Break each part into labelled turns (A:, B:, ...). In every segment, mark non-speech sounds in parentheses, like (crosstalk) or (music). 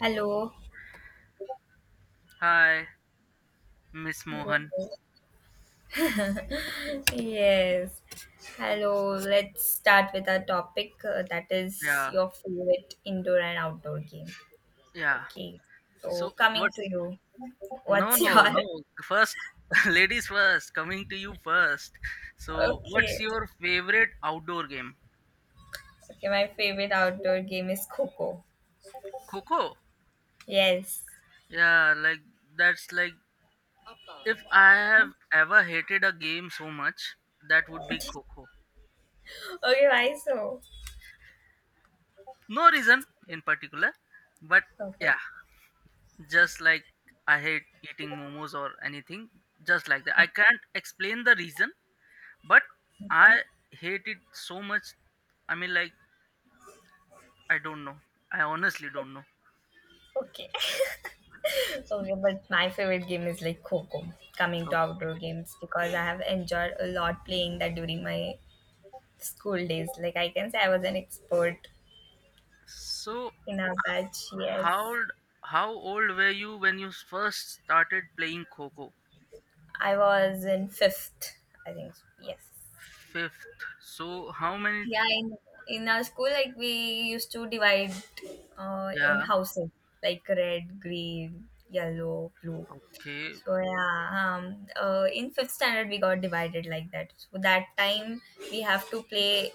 A: Hello.
B: Hi, Miss Mohan.
A: Yes. Hello. Let's start with our topic that is
B: Yeah,
A: your favorite indoor and outdoor game.
B: yeah.
A: Okay.
B: So
A: So, coming to
B: what's
A: you,
B: no,
A: what's (laughs)
B: no,
A: your.
B: no. First, (laughs) ladies first. Coming to you first. So what's
A: Okay.
B: your favorite outdoor game?
A: Okay, my favorite outdoor game is Coco.
B: Coco.
A: Yes.
B: Yeah, like if I have ever hated a game so much, that would be Coco.
A: Okay, why so?
B: No reason in particular, but
A: Okay.
B: yeah, just like I hate eating momos or anything, just like that. I can't explain the reason. But I
A: Okay.
B: hate it so much. I mean, like, I don't know. I honestly don't know.
A: (laughs) Okay, but my favorite game is like Coco. Coming to outdoor
B: Okay.
A: games because I have enjoyed a lot playing that during my school days. Like I can say I was an expert
B: So,
A: in our batch.
B: how
A: Yes.
B: old, how old were you when you first started playing Coco?
A: I was in fifth, I think. Yes.
B: Fifth. So, how many?
A: Yeah. In our school, like we used to divide in
B: Yeah.
A: houses like red, green, yellow, blue.
B: Okay.
A: So yeah, in fifth standard we got divided like that. So that time we have to play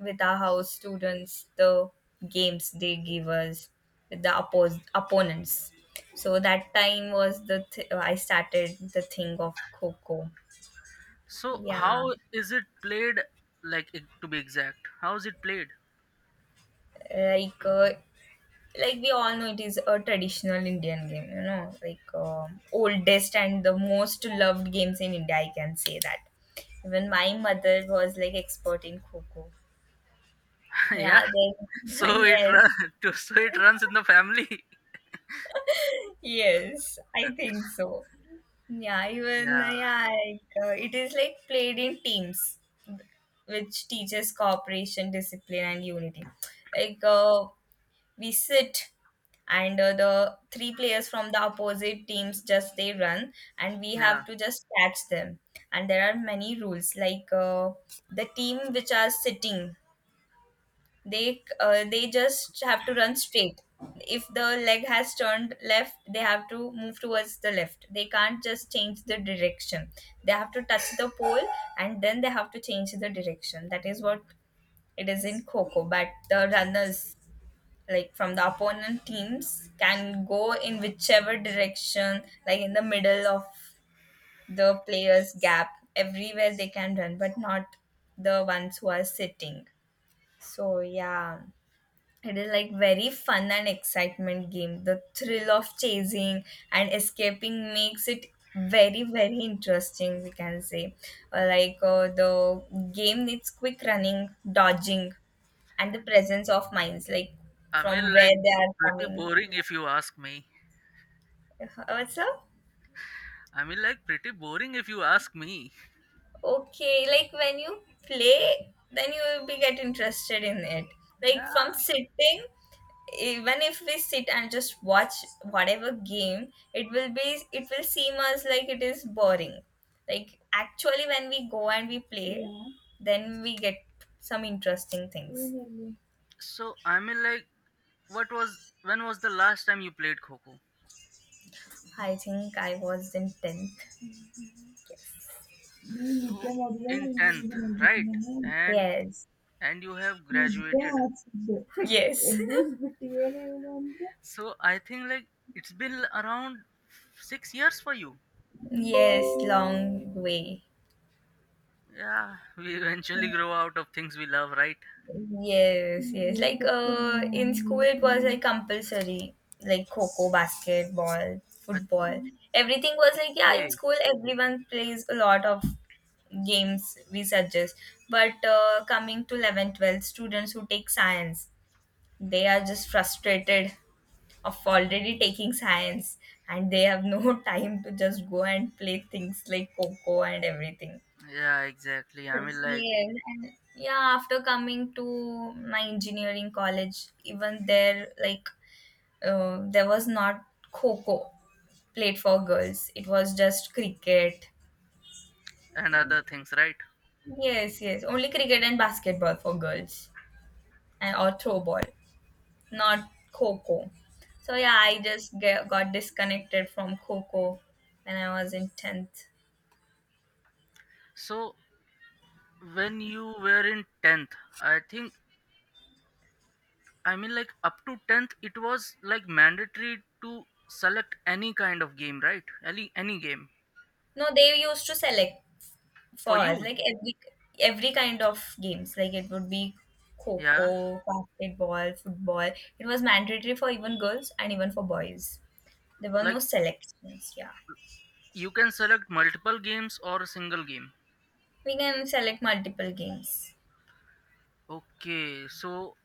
A: with our house students the games they give us with the oppos opponents. So that time was I started the thing of Coco.
B: So,
A: Yeah,
B: how is it played? Like to be exact, how is it played?
A: like uh, like we all know it is a traditional Indian game, you know, like oldest and the most loved games in India, I can say that even my mother was like expert in kho. Kho.
B: (laughs) Yeah.
A: Yeah,
B: So
A: then (laughs)
B: it
A: yes,
B: run. (laughs) So it runs in the family. (laughs)
A: yes, I think so. Yeah, even
B: Yeah.
A: it is like played in teams which teaches cooperation, discipline and unity. Like we sit, and the three players from the opposite teams just they run and we
B: Yeah.
A: have to just catch them. And there are many rules, like the team which are sitting, they just have to run straight. If the leg has turned left, they have to move towards the left. They can't just change the direction. They have to touch the pole and then they have to change the direction. That is what it is in coco. But the runners, like from the opponent teams, can go in whichever direction, like in the middle of the players gap, everywhere they can run, but not the ones who are sitting. So yeah, it is like very fun and excitement game. The thrill of chasing and escaping makes it very, very interesting, we can say. The game needs quick running, dodging and the presence of minds, like
B: I mean,
A: from
B: like
A: where they are
B: pretty
A: coming.
B: boring if you ask me.
A: What's up?
B: Pretty boring if you ask me.
A: Okay, like when you play, then you will be get interested in it. Like from
B: Yeah.
A: sitting, even if we sit and just watch whatever game, it will be it will seem us like it is boring. Like actually, when we go and we play, yeah, then we get some interesting things. Really.
B: So, when was the last time you played Coco?
A: I think I was in tenth.
B: So, in 10th, right? And,
A: Yes.
B: and you have graduated.
A: (laughs) Yes. E,
B: So, I think, like, it's been around 6 years for you.
A: yes, long way.
B: Yeah. (laughs) We eventually grow out of things we love, right?
A: Yes, yes. Like in school it was like compulsory. Like coco, basketball,
B: But,
A: football. Everything was like yeah, in
B: okay.
A: school everyone plays a lot of games we suggest. But coming to 11th, 12th, students who take science, they are just frustrated of already taking science and they have no (laughs) time to just go and play things like coco and everything.
B: Yeah, exactly.
A: Yes. And yeah, after coming to my engineering college, even there, like, there was not kho played for girls. It was just cricket.
B: And other things, right?
A: Yes, yes, only cricket and basketball for girls, and or throw ball, not kho. So yeah, I just got disconnected from kho when I was in tenth.
B: So, when you were in 10th, I think up to tenth, it was like mandatory to select any kind of game, right? Any game
A: No, they used to select for
B: for
A: us
B: you.
A: like every kind of games. Like it would be
B: Yeah,
A: coco, basketball, football. It was mandatory for even girls and even for boys. There were no
B: like
A: selections. Yeah,
B: you can select multiple games or a single game.
A: we can select multiple games.
B: Okay, so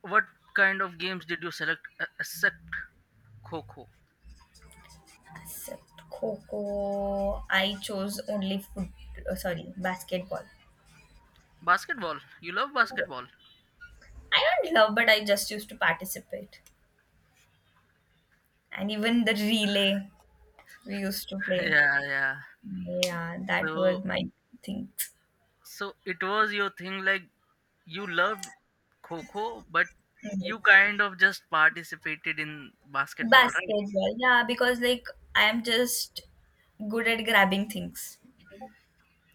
B: what kind of games did you select except Kho Kho?
A: Except coco, I chose only foot sorry basketball.
B: Basketball. You love
A: Yeah.
B: basketball.
A: I don't love, but I just used to participate. And even the relay we used to
B: (laughs)
A: play.
B: Yeah, yeah.
A: Yeah, that
B: So
A: was my thing.
B: so it was your thing. Like you loved Kho Kho, but you
A: (laughs)
B: kind of just participated in basketball, right?
A: Basketball, yeah, because like I am just good at grabbing things,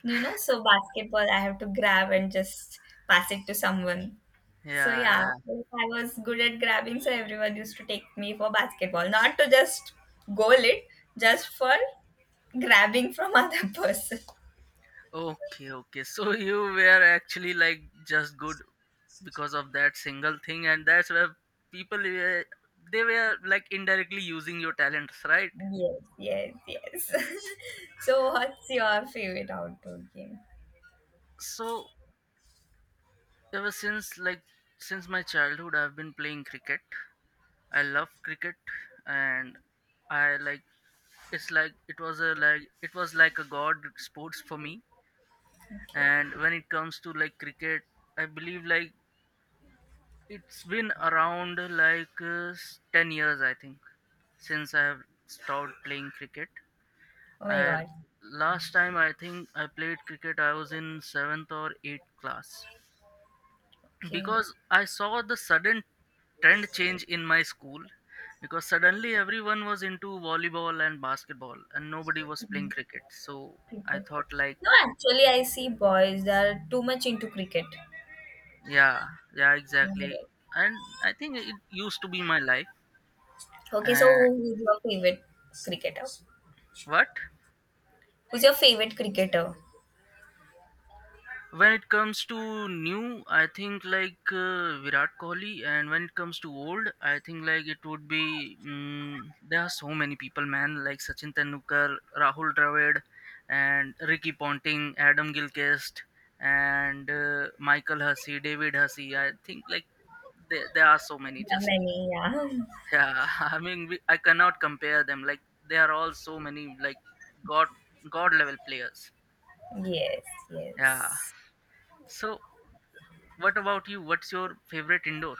A: you know. So basketball, I have to grab and just pass it to someone. So
B: Yeah,
A: yeah,
B: yeah.
A: like, I was good at grabbing, so everyone used to take me for basketball, not to just goal it, just for grabbing from (laughs) other person.
B: Okay, okay. So (laughs) you were actually like just good because of that single thing, and that's where people were they were like indirectly using your talents, right?
A: Yes, yes, yes. (laughs) So what's your favorite outdoor game?
B: So ever since since my childhood, I've been playing cricket. I love cricket, and I like it's like it was a like it was like a god sports for me.
A: Okay.
B: And when it comes to like cricket, I believe like it's been around like 10 years, I think, since I have stopped playing cricket.
A: Oh my
B: I
A: god.
B: last time I think I played cricket I was in 7th or 8th class
A: Okay.
B: because I saw the sudden trend change in my school because suddenly everyone was into volleyball and basketball and nobody was playing cricket. So I
A: Okay.
B: thought like
A: No, actually, I see boys they are too much into cricket.
B: yeah, yeah exactly.
A: Mm.
B: And I think it used to be my life.
A: Okay, so
B: Uh,
A: who's your favorite cricketer?
B: what?
A: Who's your favorite cricketer?
B: When it comes to new, I think like Virat Kohli, and when it comes to old, I think like it would be there are so many people, man, like Sachin Tendulkar, Rahul Dravid, and Ricky Ponting, Adam Gilchrist, and Michael Hussey, David Hussey. I think like there are so many.
A: There
B: Just
A: are many, yeah.
B: yeah, (laughs) I cannot compare them. Like they are all so many like god god level players.
A: (laughs) Yes,
B: Yeah.
A: yes.
B: So what about you? What's your favorite indoor?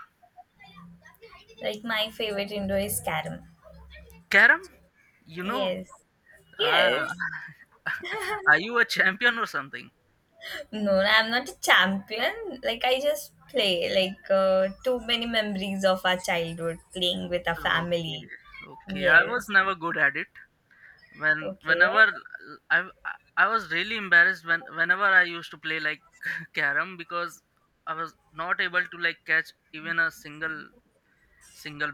A: Like my favorite indoor is Karam.
B: Carom? You know,
A: Yes,
B: ah,
A: yes.
B: (laughs) are you a champion or something?
A: No, I'm not a champion. Like I just play. Like too many memories of our childhood playing with our
B: Okay,
A: family.
B: okay. I was
A: Yes.
B: never good at it. When
A: Okay.
B: whenever I I was really embarrassed whenever I used to play like (laughs) carom because I was not able to like catch even a single single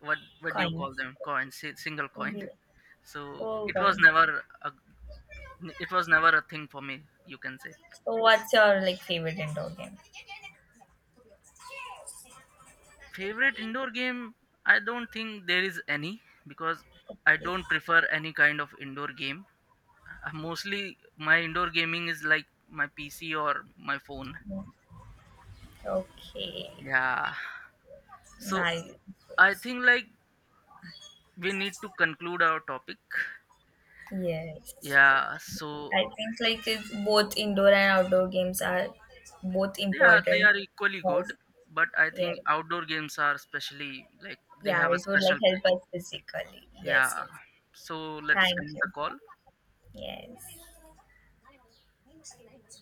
B: what do you
A: Coin.
B: call them coin single coin. (laughs)
A: Yeah.
B: So
A: Oh
B: it
A: god.
B: was never a, it was never a thing for me. You can say.
A: So what's your like favorite indoor game?
B: Favorite indoor game? I don't think there is any because I don't prefer any kind of indoor game. Mostly my indoor gaming is like my PC or my phone.
A: Okay.
B: Yeah. So
A: Nice.
B: I think like we need to conclude our topic.
A: Yes.
B: Yeah. So
A: I think like it's both indoor and outdoor games are both
B: yeah, they
A: important
B: are equally good,
A: because
B: but I
A: yeah.
B: think outdoor games are especially like they
A: Yeah,
B: have a
A: it would
B: special
A: like help
B: place.
A: us physically.
B: Yeah.
A: Yes, yes.
B: So let's
A: Thank
B: end the call.
A: you. Yes.